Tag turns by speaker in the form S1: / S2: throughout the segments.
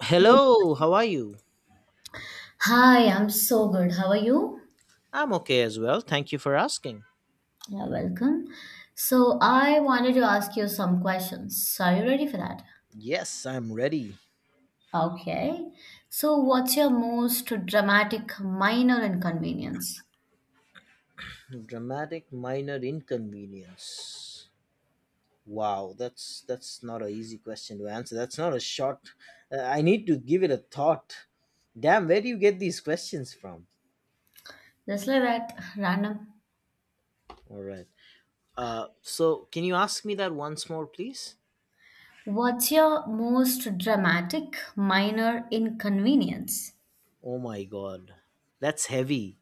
S1: Hello, how are you?
S2: Hi, I'm so good. How are you?
S1: I'm okay as well. Thank you for asking.
S2: Yeah, welcome. So I wanted to ask you some questions. So, are you ready for that?
S1: Yes, I'm ready.
S2: Okay. So what's your most dramatic minor inconvenience?
S1: Dramatic minor inconvenience. Wow, that's not an easy question to answer. That's not a short. I need to give it a thought. Damn, where do you get these questions from?
S2: Just like that, random.
S1: All right. So can you ask me that once more, please?
S2: What's your most dramatic minor inconvenience?
S1: Oh my god, that's heavy.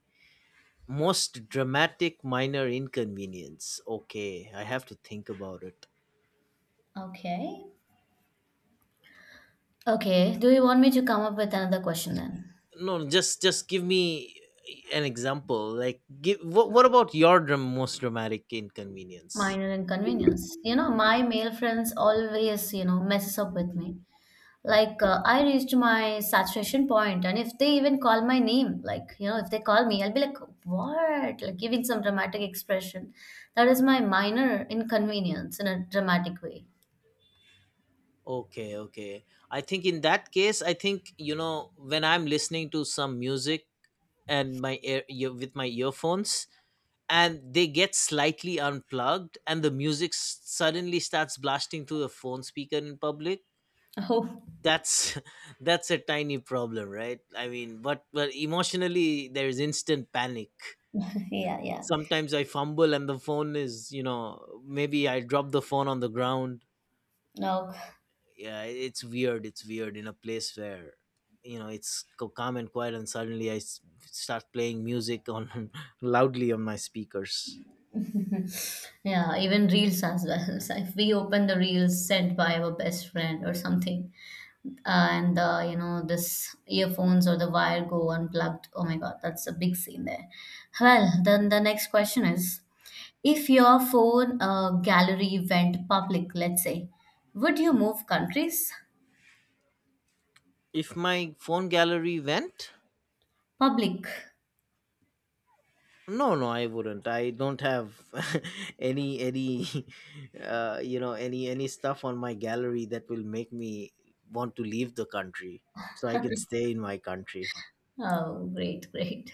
S1: Most dramatic minor inconvenience. Okay, I have to think about it.
S2: Okay. Okay. Do you want me to come up with another question then?
S1: No, no, just give me an example. Like give, what about your most dramatic inconvenience?
S2: Minor inconvenience. My male friends always, messes up with me. Like I reached my saturation point, and if they even call my name, like, if they call me, I'll be like, what, like giving some dramatic expression. That is my minor inconvenience in a dramatic way.
S1: Okay, okay, I think in that case, I think, you know, when I'm listening to some music and my ear with my earphones, and they get slightly unplugged and the music suddenly starts blasting through the phone speaker in public.
S2: Oh.
S1: That's that's a tiny problem, right? I mean, but emotionally there is instant panic.
S2: Yeah, yeah.
S1: Sometimes I fumble and the phone is, you know, maybe I drop the phone on the ground.
S2: No.
S1: Yeah, it's weird in a place where, you know, it's calm and quiet, and suddenly I start playing music on loudly on my speakers.
S2: Yeah, even reels as well. So if we open the reels sent by our best friend or something, and this earphones or the wire go unplugged, oh my god, that's a big scene there. Well, then the next question is, if your phone gallery went public, let's say, would you move countries?
S1: If my phone gallery went,
S2: Public.
S1: no, no, I wouldn't. I don't have any you know, any stuff on my gallery that will make me want to leave the country, so I can stay in my country.
S2: Oh, great, great.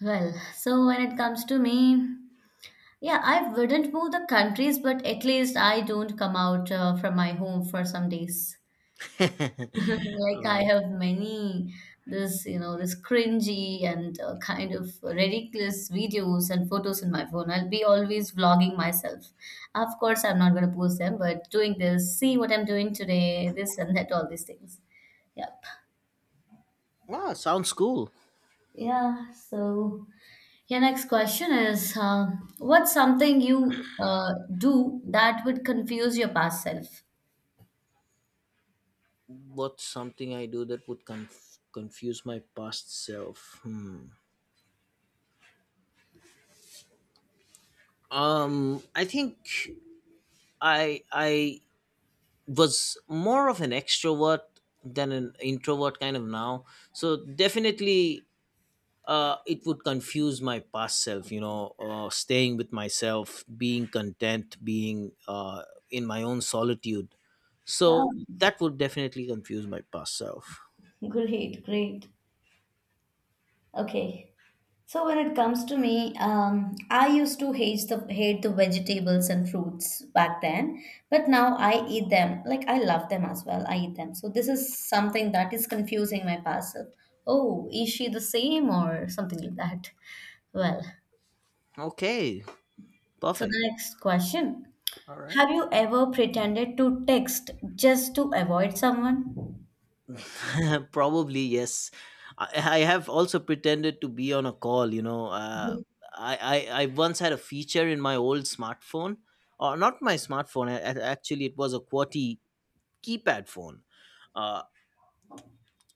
S2: Well, so when it comes to me, yeah, I wouldn't move the countries, but at least I don't come out from my home for some days. Like, I
S1: uh,
S2: have many this, this cringy and kind of ridiculous videos and photos in my phone. I'll be always vlogging myself. Of course, I'm not going to post them, but doing this, see what I'm doing today, this and that, all these things. Yep.
S1: ah, sounds cool.
S2: Yeah. So, your next question is, what's something you do that would confuse your past self?
S1: What's something I do that would confuse my past self? Hmm. I think I was more of an extrovert than an introvert kind of now. So definitely, it would confuse my past self. You know, staying with myself, being content, being in my own solitude.
S2: Oh,
S1: So that would definitely confuse my past self.
S2: great, great. Okay. So when it comes to me, I used to hate the vegetables and fruits back then, but now I eat them. Like, I love them as well. I eat them. So this is something that is confusing my past self. Oh, is she the same or something like that? Well,
S1: Okay.
S2: so the
S1: Perfect.
S2: next question.
S1: All right.
S2: Have you ever pretended to text just to avoid someone?
S1: Probably yes. I, I have also pretended to be on a call. You know, I, I once had a feature in my old smartphone, or not my smartphone. Actually, it was a QWERTY keypad phone. Uh,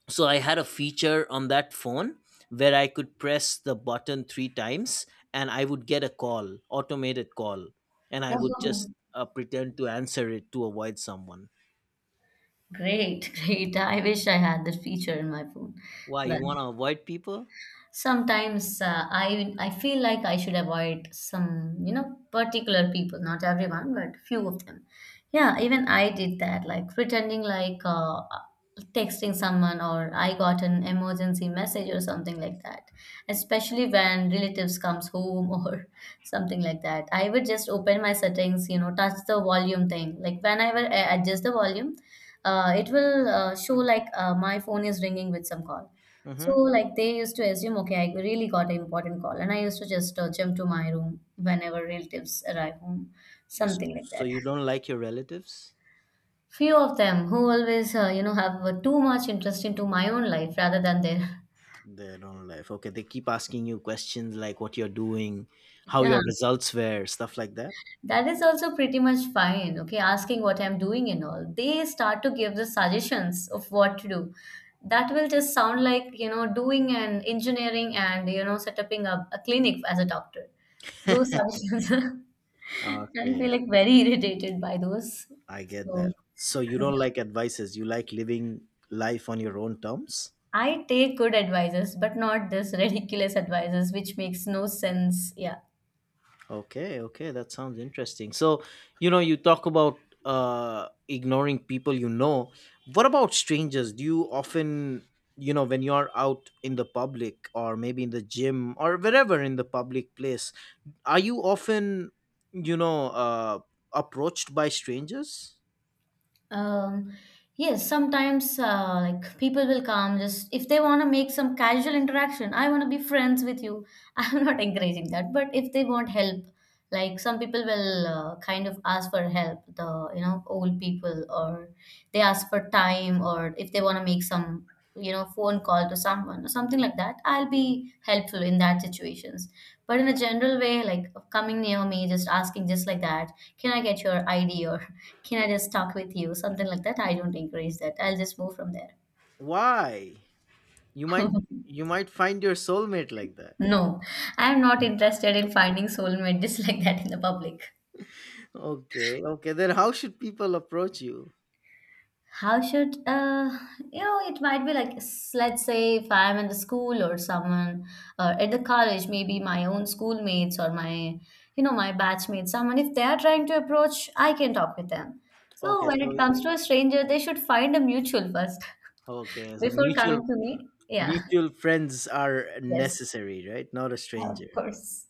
S1: so I had a feature on that phone where I could press the button three times, and I would get a call, automated call, and I would
S2: No.
S1: just pretend to answer it to avoid someone.
S2: Great, great. I wish I had that feature in my phone.
S1: Why
S2: Well,
S1: you want to avoid people?
S2: sometimes I feel like I should avoid some, particular people, not everyone, but few of them. Yeah, even I did that, like pretending like texting someone, or I got an emergency message or something like that. Especially when relatives comes home or something like that. I would just open my settings, you know, touch the volume thing. Like, whenever I adjust the volume, it will show like my phone is ringing with some call. So,
S1: Hmm.
S2: like, they used to assume, okay, I really got an important call, and I used to just jump to my room whenever relatives arrive home,
S1: So,
S2: something like
S1: so
S2: that.
S1: you don't like your relatives?
S2: Few of them who always, you know, have too much interest into my own life rather than their.
S1: They don't like. Okay, they keep asking you questions like what you're doing, how
S2: Yeah.
S1: your results were, stuff like that.
S2: That is also pretty much fine, okay, asking what I'm doing and all. They start to give the suggestions of what to do. That will just sound like, you know, doing and engineering, and, you know, setting up a clinic as a doctor. Those suggestions, I feel
S1: Okay,
S2: like very irritated by those.
S1: I get
S2: So,
S1: that. So you
S2: yeah.
S1: don't like advices. You like living life on your own terms.
S2: I take good advices, but not this ridiculous advices, which makes no sense. Yeah.
S1: Okay, okay, that sounds interesting. So, you know, you talk about uh, ignoring people, you know. What about strangers? Do you often, you know, when you're out in the public or maybe in the gym or wherever in the public place, are you often, you know, approached by strangers?
S2: Um, yes, sometimes like, people will come just if they want to make some casual interaction. I want to be friends with you. I'm not encouraging that, but if they want help, like, some people will kind of ask for help. The, you know, old people, or they ask for time, or if they want to make some, you know, phone call to someone or something like that. I'll be helpful in that situations. But in a general way, like coming near me, just asking just like that, can I get your ID, or can I just talk with you? Something like that. I don't encourage that. I'll just move from there.
S1: Why? You might you might find your soulmate like that.
S2: No, I'm not interested in finding soulmate just like that in the public.
S1: Okay, okay. Then how should people approach you?
S2: How should you know, it might be like s- let's say if I'm in the school or someone, or at the college, maybe my own schoolmates, or my, you know, my batchmates, someone, if they are trying to approach, I can talk with them. So
S1: Okay,
S2: when it
S1: so
S2: comes to a stranger, they should find a mutual first
S1: okay, so
S2: before
S1: mutual
S2: coming to me. Yeah.
S1: mutual friends are
S2: Yes.
S1: necessary, right? Not a
S2: Of
S1: stranger.
S2: course.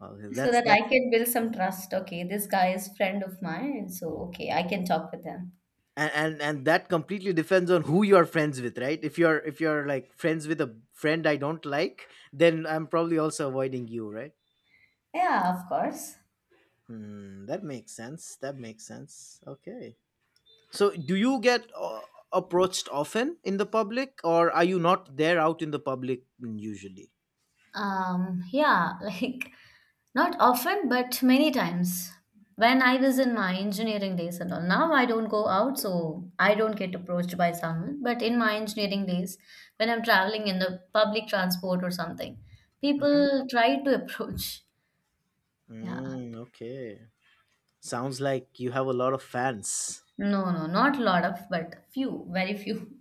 S1: Okay,
S2: So
S1: that's
S2: that I
S1: that's
S2: can build some trust. Okay, this guy is friend of mine, so okay, I can talk with him.
S1: and, and that completely depends on who you're friends with, right? If you're like friends with a friend I don't like, then I'm probably also avoiding you, right?
S2: Yeah, of course.
S1: Hmm, that makes sense. That makes sense. Okay. So, do you get approached often in the public, or are you not there out in the public usually?
S2: Yeah, like, not often, but many times. When I was in my engineering days and all, now I don't go out, so I don't get approached by someone. But in my engineering days, when I'm traveling in the public transport or something,
S1: Hmm.
S2: people try to approach. Yeah.
S1: Mm, okay. Sounds like you have a lot of fans.
S2: No, no, not a lot of, but few, very few.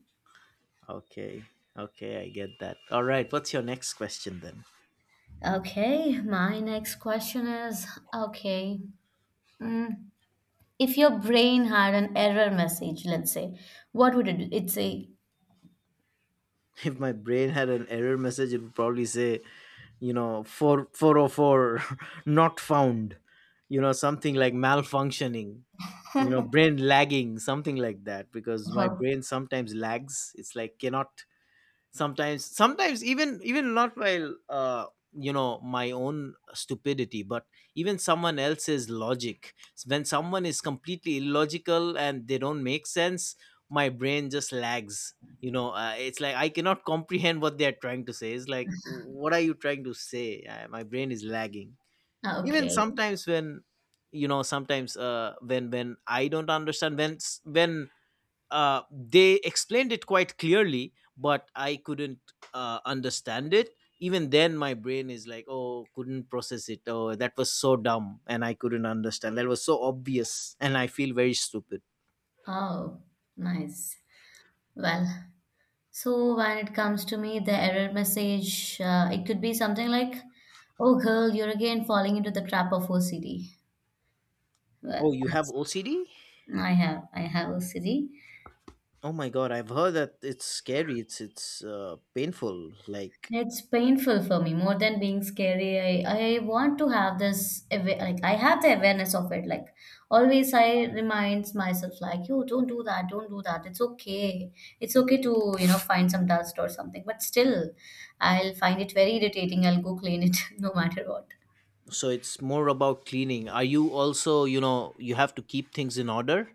S1: Okay. Okay, I get that. All right. What's your next question then?
S2: Okay, my next question is, okay, mm, if your brain had an error message, let's say, what would it say?
S1: If my brain had an error message, it would probably say, you know, four four oh four, not found. You know, something like malfunctioning, you know, brain lagging, something like that, because my
S2: Oh,
S1: brain sometimes lags. It's like cannot, sometimes even not while you know my own stupidity, but even someone else's logic. When someone is completely illogical and they don't make sense, my brain just lags. You know, it's like I cannot comprehend what they are trying to say. It's like, what are you trying to say? My brain is lagging. Even
S2: okay.
S1: sometimes when, you know, sometimes when I don't understand, when when they explained it quite clearly but I couldn't understand it, even then my brain is like, oh, couldn't process it. Oh, that was so dumb and I couldn't understand. That was so obvious, and I feel very stupid.
S2: Oh, nice. Well, so when it comes to me, the error message, it could be something like, oh, girl, you're again falling into the trap of OCD.
S1: Oh,
S2: Well,
S1: you have
S2: that's,
S1: OCD?
S2: I have OCD.
S1: Oh my god, I've heard that it's scary. It's painful, like.
S2: It's painful for me more than being scary. I want to have this awa- like, I have the awareness of it. Like, always, I reminds myself like, "You don't do that. Don't do that. It's okay. It's okay to, you know, find some dust or something." But still, I'll find it very irritating. I'll go clean it no matter what.
S1: So it's more about cleaning? Are you also, you know, you have to keep things in order?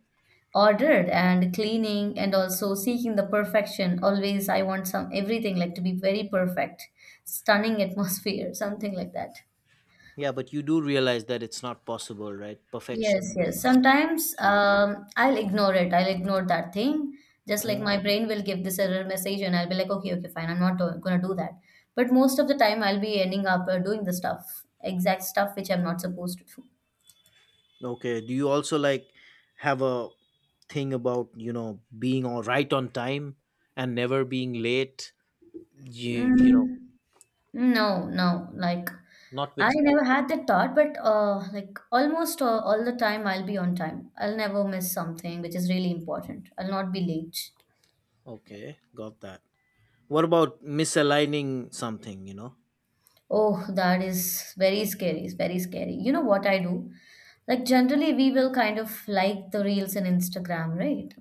S2: Ordered and cleaning, and also seeking the perfection. Always, I want some everything like to be very perfect, stunning atmosphere, something like that.
S1: Yeah, but you do realize that it's not possible, right?
S2: Yes,
S1: Perfection is
S2: yes.
S1: not
S2: Sometimes
S1: achievable.
S2: I'll ignore it. I'll ignore that thing. Just like,
S1: Mhm.
S2: my brain will give this error message, and I'll be like, okay, okay, fine. I'm not do- gonna do that. But most of the time, I'll be ending up doing the stuff, exact stuff which I'm not supposed to do.
S1: Okay, do you also like have a thing about, you know, being all right on time and never being late, you know?
S2: Mm, no, no. Like,
S1: Not
S2: I
S1: with time.
S2: never had that thought, but like, almost all the time, I'll be on time. I'll never miss something which is really important. I'll not be late.
S1: Okay, got that. What about misaligning something, you know?
S2: Oh, that is very scary. It's very scary. You know what I do? Like, generally, we will kind of like the reels in Instagram, right?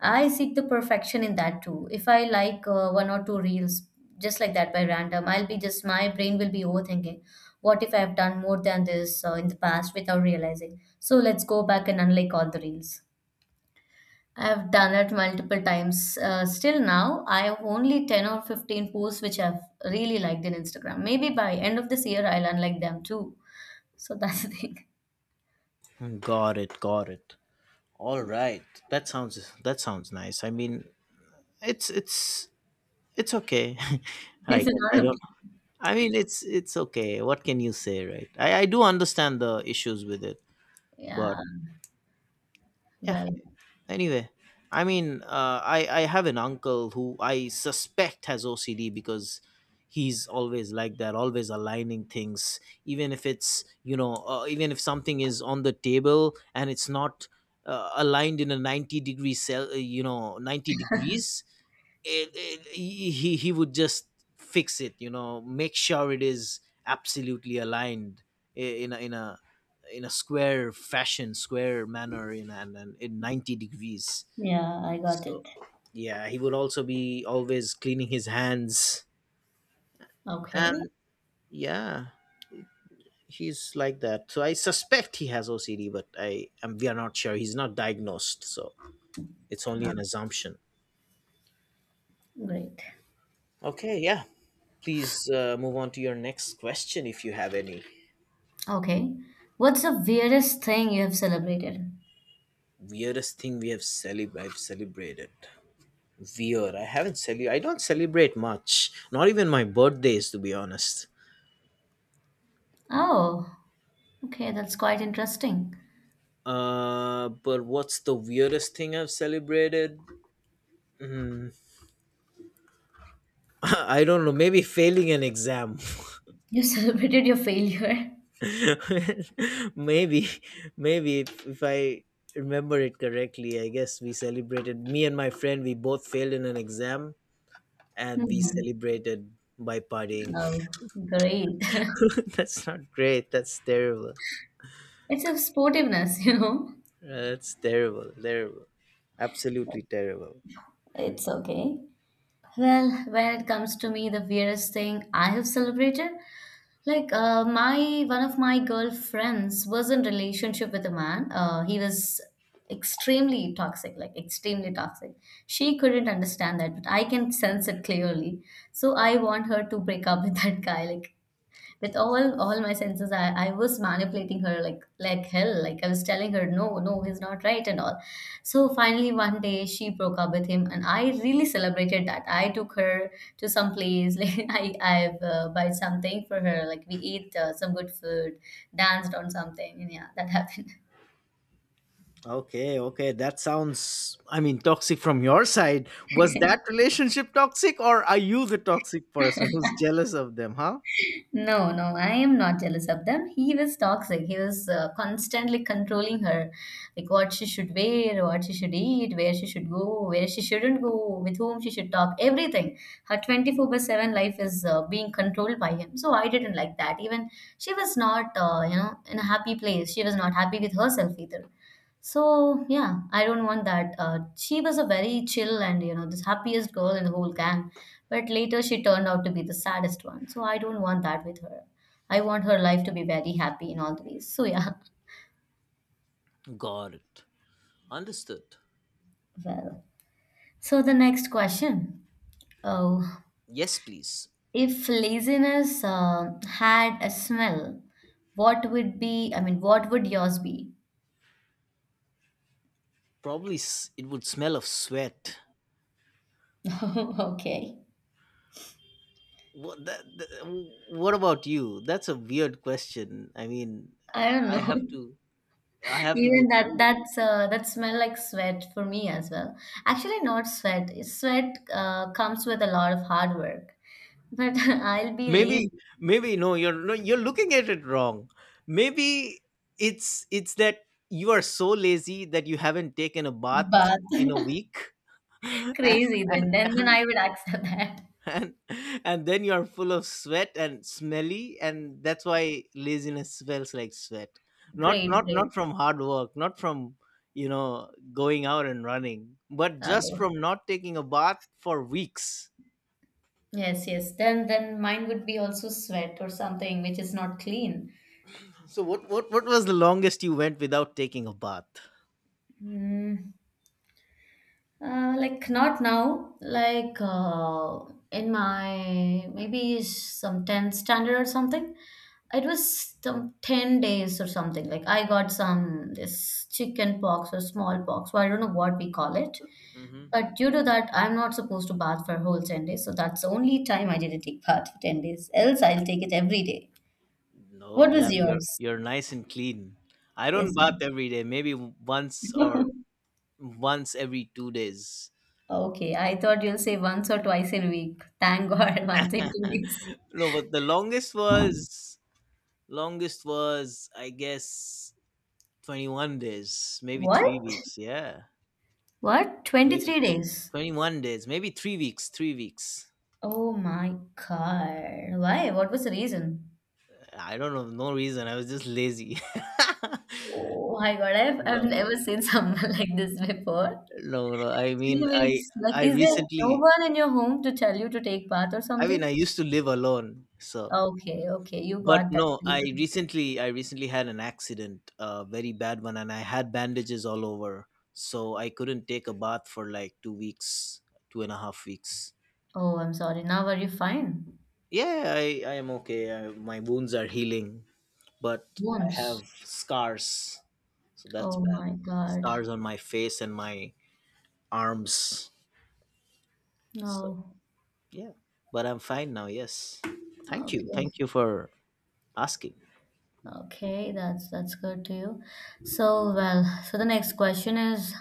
S2: I seek the perfection in that too. If I like one or two reels just like that by random, I'll be just, my brain will be overthinking. What if I've done more than this in the past without realizing? So let's go back and unlike all the reels. I've done it multiple times. Still now, I have only 10 or 15 posts which I've really liked in Instagram. Maybe by end of this year, I'll unlike them too. So that's the thing.
S1: Mm, got it, got it. All right, that sounds, that sounds nice, I mean. it's it's It's okay. I
S2: It's
S1: guess I
S2: not okay.
S1: don't. I mean, it's okay. What can you say, right? I do understand the issues with it,
S2: Yeah.
S1: but yeah.
S2: Well,
S1: Anyway, I mean, I have an uncle who I suspect has OCD because he's always like that, always aligning things, even if it's, you know, even if something is on the table and it's not aligned in a 90-degree cell, you know, 90 degrees. He would just fix it, you know, make sure it is absolutely aligned, in a in a square fashion, square manner, in 90 degrees.
S2: yeah, I got
S1: So
S2: it.
S1: yeah, he would also be always cleaning his hands,
S2: Okay.
S1: and yeah, he's like that. So I suspect he has OCD, but I am, we are not sure. He's not diagnosed, so it's only
S2: Uh,
S1: an assumption.
S2: great.
S1: Okay, yeah, please move on to your next question if you have any.
S2: Okay. What's the weirdest thing you have celebrated?
S1: Weirdest thing we have celeb, I've celebrated. Weird. I haven't cele. I don't celebrate much. Not even my birthdays, to be honest.
S2: Oh, okay. That's quite interesting.
S1: But what's the weirdest thing I've celebrated? Mm, I don't know. Maybe failing an exam.
S2: You celebrated your failure.
S1: Maybe, maybe if I remember it correctly, I guess we celebrated. Me and my friend, we both failed in an exam, and we
S2: Hmm.
S1: celebrated by partying.
S2: Oh, great.
S1: That's not great. That's terrible.
S2: It's a sportiveness, you know.
S1: That's terrible, terrible, absolutely terrible.
S2: It's okay. Well, when it comes to me, the weirdest thing I have celebrated, like, my one of my girlfriends was in relationship with a man. He was extremely toxic, like extremely toxic. She couldn't understand that, but I can sense it clearly. So I want her to break up with that guy. Like, with all my senses, I was manipulating her like hell, like I was telling her, no, no, he's not right and all. So finally one day she broke up with him, and I really celebrated that. I took her to some place like, I buy something for her, like we ate some good food, danced on something, and yeah, that happened.
S1: Okay, okay, that sounds, I mean, toxic from your side. Was that relationship toxic, or are you the toxic person who's jealous of them, huh?
S2: No, no, I am not jealous of them. He was toxic. He was constantly controlling her, like what she should wear, what she should eat, where she should go, where she shouldn't go, with whom she should talk, everything. Her 24 by 7 life is being controlled by him. So I didn't like that. Even she was not, you know, in a happy place. She was not happy with herself either. So yeah, I don't want that. She was a very chill and, you know, the happiest girl in the whole gang, but later she turned out to be the saddest one. So I don't want that with her. I want her life to be very happy in all the ways. So yeah,
S1: Got it. Understood.
S2: well. So the next question. Oh,
S1: Yes, please.
S2: if laziness had a smell, what would be? I mean, what would yours be?
S1: Probably it would smell of sweat.
S2: Okay,
S1: What, that, that, what about you? That's a weird question. I mean,
S2: I don't
S1: I
S2: know.
S1: have to. I have to be
S2: Even that
S1: very,
S2: that's uh, that smell like sweat for me as well. Actually, not sweat. Sweat comes with a lot of hard work, but I'll be
S1: maybe,
S2: lazy.
S1: maybe, no, you're, no, you're looking at it wrong. Maybe it's that you are so lazy that you haven't taken a bath
S2: But
S1: in a week and
S2: crazy then.
S1: and
S2: Then
S1: and,
S2: I would accept that.
S1: and, and then you're full of sweat and smelly, and that's why laziness smells like sweat. Not,
S2: Great, great.
S1: not from hard work, not from, you know, going out and running, but
S2: Uh,
S1: just from not taking a bath for weeks.
S2: yes, yes. Then mine would be also sweat or something which is not clean.
S1: So what, what was the longest you went without taking a bath?
S2: Mm. Like not now, like in my maybe some 10th standard or something. It was some 10 days or something. Like I got some this chicken pox or small pox, so I don't know what we call it.
S1: Mm-hmm.
S2: But due to that, I'm not supposed to bath for a whole 10 days. So that's the only time I didn't take bath for 10 days. Else I'll take it every day. What
S1: No,
S2: was
S1: damn, you're
S2: yours?
S1: you're nice and clean. I don't
S2: Yes,
S1: bath
S2: ma'am.
S1: every day. Maybe once or once every 2 days.
S2: Okay, I thought you'll say once or twice in a week. Thank God, once in 2 weeks.
S1: No, but the longest was, longest was, I guess, 21 days, maybe
S2: What?
S1: 3 weeks. Yeah,
S2: What?
S1: maybe
S2: 23 days.
S1: 21 days, maybe 3 weeks, 3 weeks.
S2: Oh my God. Why? What was the reason?
S1: I don't know, no reason. I was just lazy.
S2: Oh my God. I've
S1: No,
S2: never seen someone like this before.
S1: no, no, no. I
S2: Three
S1: mean,
S2: weeks. Like,
S1: I
S2: is there no
S1: recently,
S2: one in your home to tell you to take bath or
S1: I mean,
S2: something?
S1: I used to live alone, so.
S2: Okay, okay. You
S1: But
S2: got that
S1: no,
S2: freedom.
S1: I recently had an accident, a very bad one, and I had bandages all over, so I couldn't take a bath for like 2 weeks, two and a half weeks.
S2: Oh, I'm sorry. Now are you fine?
S1: Yeah, I am okay. I, my wounds are healing, but I
S2: Once.
S1: have scars, so that's
S2: Oh
S1: bad.
S2: my God.
S1: Scars on my face and my arms. So
S2: No.
S1: yeah, but I'm fine now. Yes,
S2: Okay,
S1: thank you for asking.
S2: okay. That's good to you. So well. So the next question is,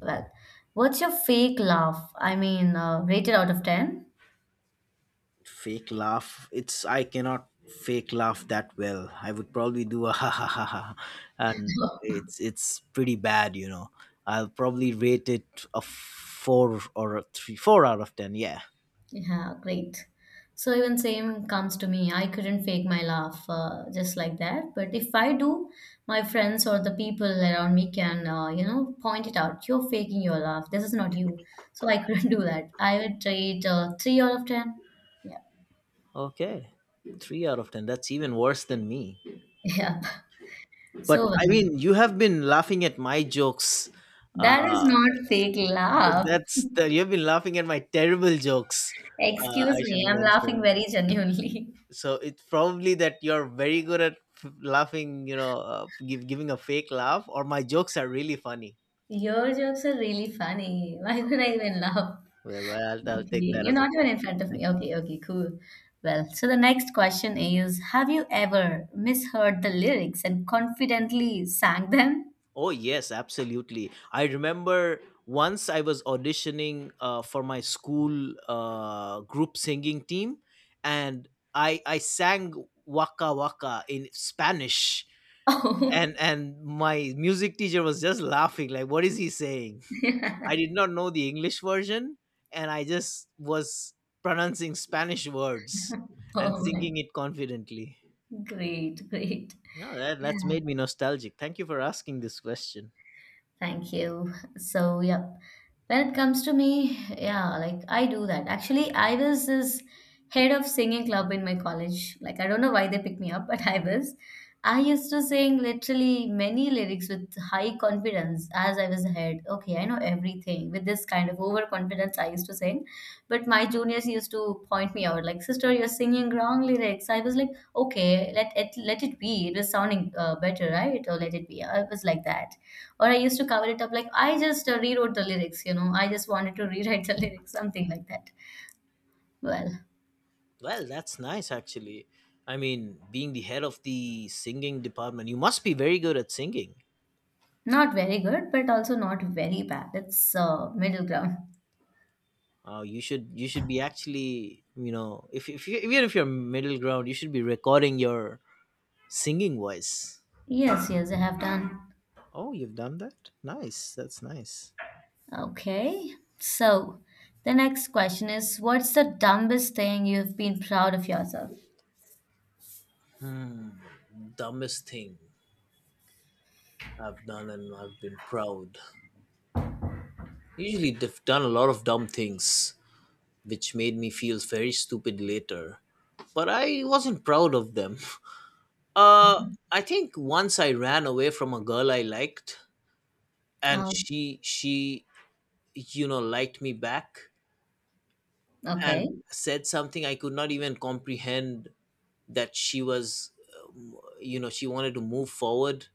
S2: well, what's your fake laugh? I mean, rated out of 10?
S1: Fake laugh. It's I cannot fake laugh that well. I would probably do a ha ha ha ha, and it's pretty bad, you know. I'll probably rate it a 4 or a 3, 4 out of 10. Yeah.
S2: Yeah, great. So even same comes to me. I couldn't fake my laugh just like that. But if I do, my friends or the people around me can, you know, point it out. You're faking your laugh. This is not you. So I couldn't do that. I would rate three out of ten. Yeah,
S1: Okay, 3 out of 10. That's even worse than me.
S2: yeah. So
S1: But I mean, you have been laughing at my jokes.
S2: that is
S1: Uh,
S2: not fake laugh.
S1: that's the, you've been laughing at my terrible jokes.
S2: Excuse
S1: I should
S2: me, I'm laughing
S1: mention.
S2: very genuinely.
S1: So it's probably that you're very good at laughing. You know, give, giving a fake laugh, or my jokes are really funny.
S2: Your jokes are really funny. Why would I even laugh?
S1: Well, well, I'll take
S2: Okay,
S1: that
S2: you're
S1: as a
S2: not even in front
S1: compliment.
S2: of me.
S1: Thank.
S2: Okay, okay, cool. Well, so the next question is, have you ever misheard the lyrics and confidently sang them?
S1: Oh, yes, absolutely. I remember once I was auditioning for my school group singing team, and I sang Waka Waka in Spanish.
S2: Oh,
S1: And my music teacher was just laughing, like, what is he saying? I did not know the English version, and I just was pronouncing Spanish words and
S2: oh my,
S1: singing it confidently.
S2: great, great.
S1: No, that's
S2: Yeah.
S1: made me nostalgic. Thank you for asking this question.
S2: Thank you. So, yeah, when it comes to me, yeah, like I do that. Actually, I was this head of singing club in my college. Like, I don't know why they picked me up, but I was. I used to sing literally many lyrics with high confidence as I was ahead. Okay, I know everything. With this kind of overconfidence, I used to sing. But my juniors used to point me out, like, sister, you're singing wrong lyrics. I was like, okay, let it be. It was sounding better, right? Or let it be. I was like that or I used to cover it up like I just rewrote the lyrics, you know, I just wanted to rewrite the lyrics, something like that. Well,
S1: Well, that's nice actually. I mean, being the head of the singing department, you must be very good at singing.
S2: not very good, but also not very bad. It's middle ground.
S1: You should be actually, you know, if you, even if you're middle ground, you should be recording your singing voice.
S2: Yes, yes, I have done.
S1: Oh, you've done that. Nice. That's nice.
S2: Okay, so the next question is, what's the dumbest thing you've been proud of yourself?
S1: Dumbest thing I've done, and I've been proud. Usually, I've done a lot of dumb things, which made me feel very stupid later. But I wasn't proud of them. Uh, I think once I ran away from a girl I liked, and
S2: Oh,
S1: she, you know, liked me back
S2: okay.
S1: and said something I could not even comprehend, that she was, you know, she wanted to move forward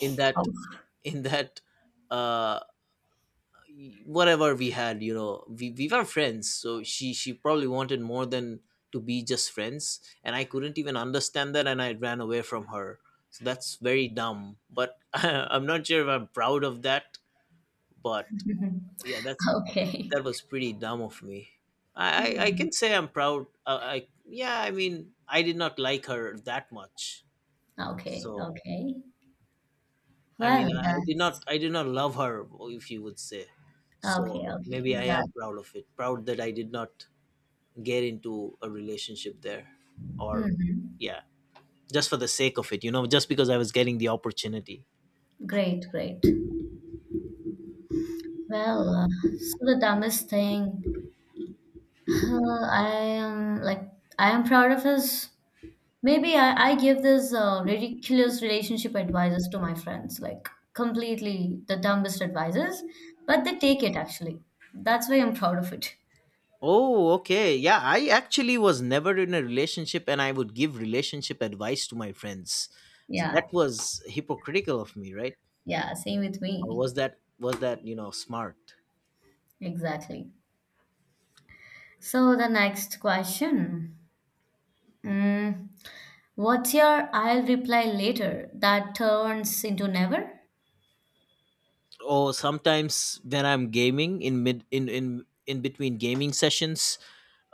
S1: in that,
S2: Oh.
S1: in that uh whatever we had, you know, we were friends, so she probably wanted more than to be just friends, and I couldn't even understand that, and I ran away from her. So that's very dumb, but I'm not sure if I'm proud of that. But yeah, that's,
S2: Okay.
S1: that was pretty dumb of me. I i, I
S2: Hmm.
S1: can say I'm proud. I, yeah, I mean, I did not like her that much.
S2: Okay,
S1: So
S2: okay.
S1: I
S2: Well,
S1: mean,
S2: that's
S1: I did not love her, if you would say.
S2: okay,
S1: So
S2: okay.
S1: maybe I
S2: That.
S1: am proud of it. Proud that I did not get into a relationship there, or
S2: Hmm.
S1: yeah, just for the sake of it, you know, just because I was getting the opportunity.
S2: Great, great. Well, so the dumbest thing, I am like I am proud of is maybe I give this ridiculous relationship advices to my friends, like completely the dumbest advices, but they take it actually. That's why I'm proud of it.
S1: Oh, okay. Yeah, I actually was never in a relationship, and I would give relationship advice to my friends. So
S2: Yeah,
S1: that was hypocritical of me, right?
S2: yeah, same with
S1: Or
S2: me.
S1: was that, was that, you know, smart?
S2: Exactly. So the next question. Mm, what's your I'll reply later that turns into never?
S1: Or sometimes when I'm gaming, in mid, in between gaming sessions,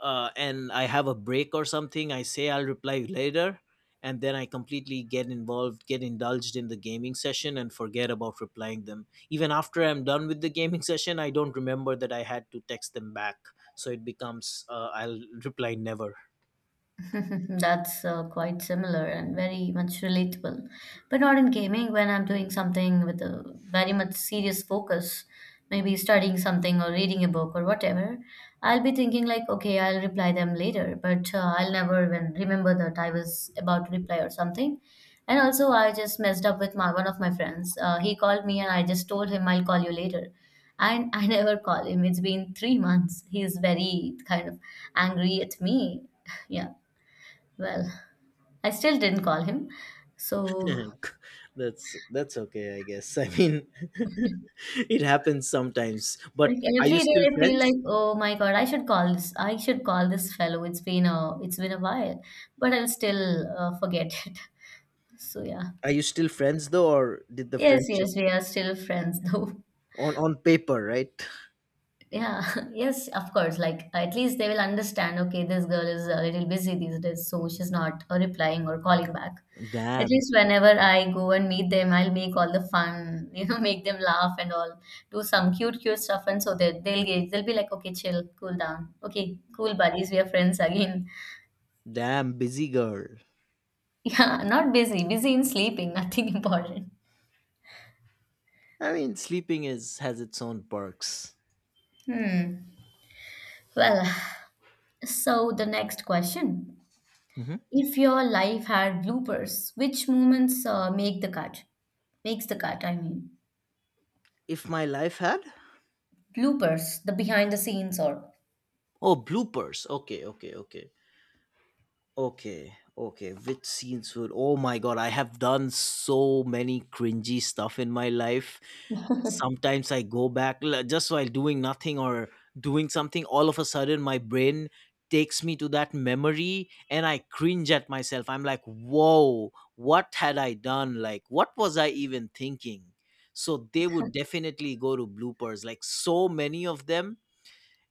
S1: and I have a break or something, I say I'll reply later, and then I completely get involved, get indulged in the gaming session, and forget about replying them. Even after I'm done with the gaming session, I don't remember that I had to text them back. So it becomes, I'll reply never.
S2: That's quite similar and very much relatable. But not in gaming, when I'm doing something with a very much serious focus, maybe studying something or reading a book or whatever, I'll be thinking like, okay, I'll reply them later, but I'll never even remember that I was about to reply or something. And also, I just messed up with my one of my friends. He called me and I just told him I'll call you later. And I never call him. It's been 3 months. He's very kind of angry at me. Yeah. Well, I still didn't call him. So
S1: That's okay, I guess. I mean, it happens sometimes,
S2: like
S1: but are you
S2: every day
S1: still
S2: I feel like,
S1: friends?
S2: oh my God, I should call this fellow. It's been a while, but I'll still forget it. So yeah.
S1: Are you still friends though, or did the
S2: Yes,
S1: friendship,
S2: yes, we are still friends though.
S1: on paper, right?
S2: Yeah, yes, of course. Like, at least they will understand, okay, this girl is a little busy these days, so she's not replying or calling back. At
S1: Damn,
S2: least whenever I go and meet them, I'll make all the fun, you know, make them laugh and all, do some cute, cute stuff, and so they'll be like, okay, chill, cool down, okay, cool buddies, we are friends again.
S1: damn busy girl.
S2: Yeah, not busy, busy in sleeping, nothing important.
S1: I mean, sleeping is, has its own perks.
S2: Hmm. Well, so the next question.
S1: Hmm.
S2: If your life had bloopers, which moments make the cut? Makes the cut, I mean.
S1: If my life had,
S2: Bloopers, the behind the scenes or
S1: oh, bloopers. Okay, okay, okay. Okay, okay. Which scenes would? Oh my god, I have done so many cringy stuff in my life. Sometimes I go back, just while doing nothing, or doing something. All of a sudden, my brain takes me to that memory, and I cringe at myself. I'm like, "Whoa, what had I done? Like, what was I even thinking?" So they would definitely go to bloopers. Like so many of them,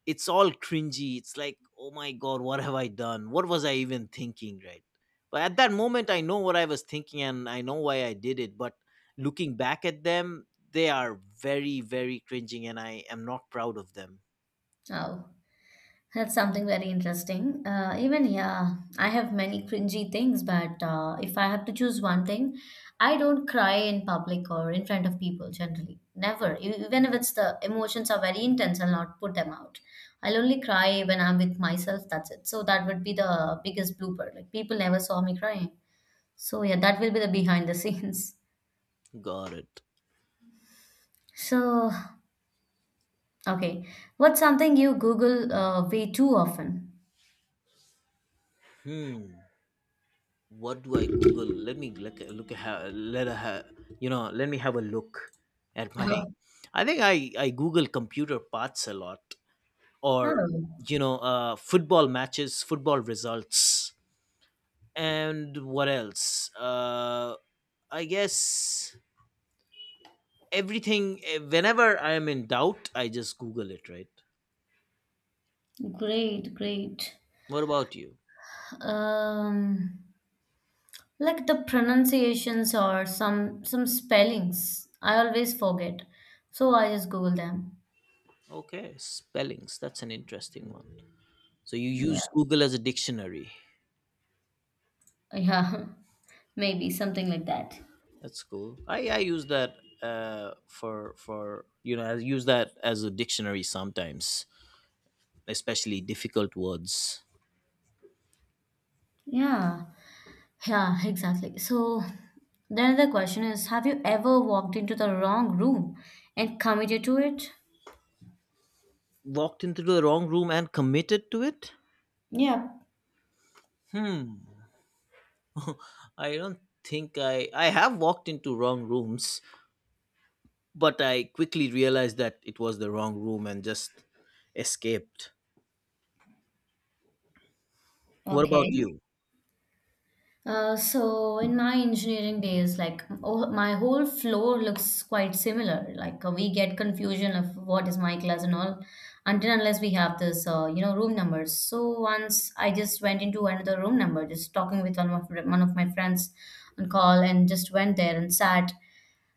S1: it's all cringy. It's like, oh my God, what have I done? What was I even thinking, right? But at that moment, I know what I was thinking, and I know why I did it. But looking back at them, they are very, very cringing, and I am not proud of them.
S2: oh, that's something very interesting. Even yeah, I have many cringy things, but if I have to choose one thing, I don't cry in public or in front of people generally. Never, even if it's the emotions are very intense, I'll not put them out. I'll only cry when I'm with myself. That's it. So that would be the biggest blooper. Like people never saw me crying. So yeah, that will be the behind the scenes.
S1: Got it.
S2: So okay, what's something you Google way too often?
S1: Hmm. What do I Google? Let me look. Look at let a, ha- You know. Let me have a look at my.
S2: Oh,
S1: I think I Google computer parts a lot, or
S2: oh,
S1: you know, football matches, football results. And what else, I guess everything. Whenever I am in doubt, I just Google it, right?
S2: great, great.
S1: What about you?
S2: Um, like the pronunciations or some spellings, I always forget, so I just Google them.
S1: Okay, spellings, that's an interesting one. So you
S2: Yeah,
S1: use Google as a dictionary.
S2: yeah, maybe something like that.
S1: That's cool. I use that for, you know, I use that as a dictionary sometimes, especially difficult words.
S2: Yeah. Yeah, exactly. So then the question is, have you ever walked into the wrong room and committed to it?
S1: Walked into the wrong room and committed to it.
S2: Yeah.
S1: I don't think I have walked into wrong rooms, but I quickly realized that it was the wrong room and just escaped. What about
S2: Okay.
S1: you?
S2: So in my engineering days, like oh, my whole floor looks quite similar. Like we get confusion of what is my class and all, until unless we have this, you know, room numbers. So once I just went into another room number, just talking with one of my friends on call, and just went there and sat.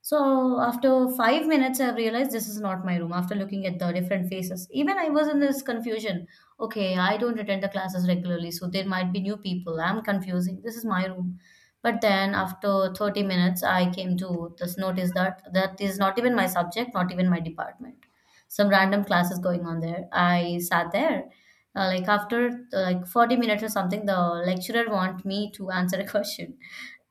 S2: So after 5 minutes, I've realized this is not my room after looking at the different faces. Even I was in this confusion. Okay, I don't attend the classes regularly, so there might be new people. I'm confusing. This is my room. But then after 30 minutes, I came to this notice that that is not even my subject, not even my department. Some random classes going on there. I sat there. Like after like 40 minutes or something, the lecturer want me to answer a question.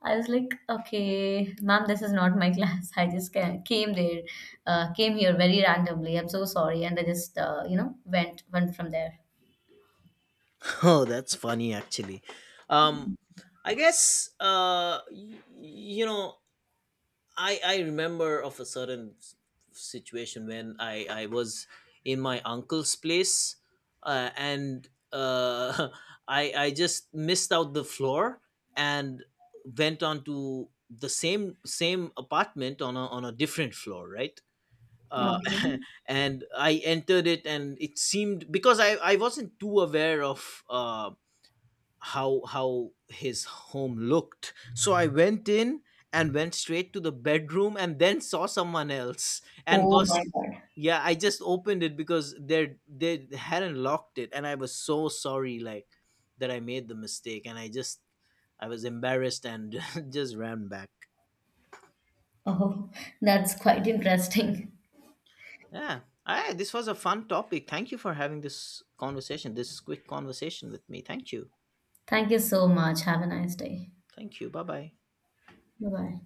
S2: I was like, okay, ma'am, this is not my class. I just came there, came here very randomly. I'm so sorry, and I just, you know, went from there.
S1: Oh, that's funny actually. Um, I guess you know, I remember of a certain situation when I was in my uncle's place, and I just missed out the floor, and went on to the same apartment on a, on a different floor, right? uh,
S2: Okay.
S1: and I entered it, and it seemed, because I wasn't too aware of how his home looked. So I went in and went straight to the bedroom, and then saw someone else, and
S2: Oh
S1: got
S2: my God.
S1: yeah. I just opened it because they hadn't locked it, and I was so sorry, like that I made the mistake, and I just, I was embarrassed, and just ran back.
S2: Oh, that's quite interesting.
S1: Yeah. Ah, this was a fun topic. Thank you for having this conversation, this quick conversation with me. Thank you.
S2: Thank you so much. Have a nice day.
S1: Thank you. Bye bye.
S2: Bye bye.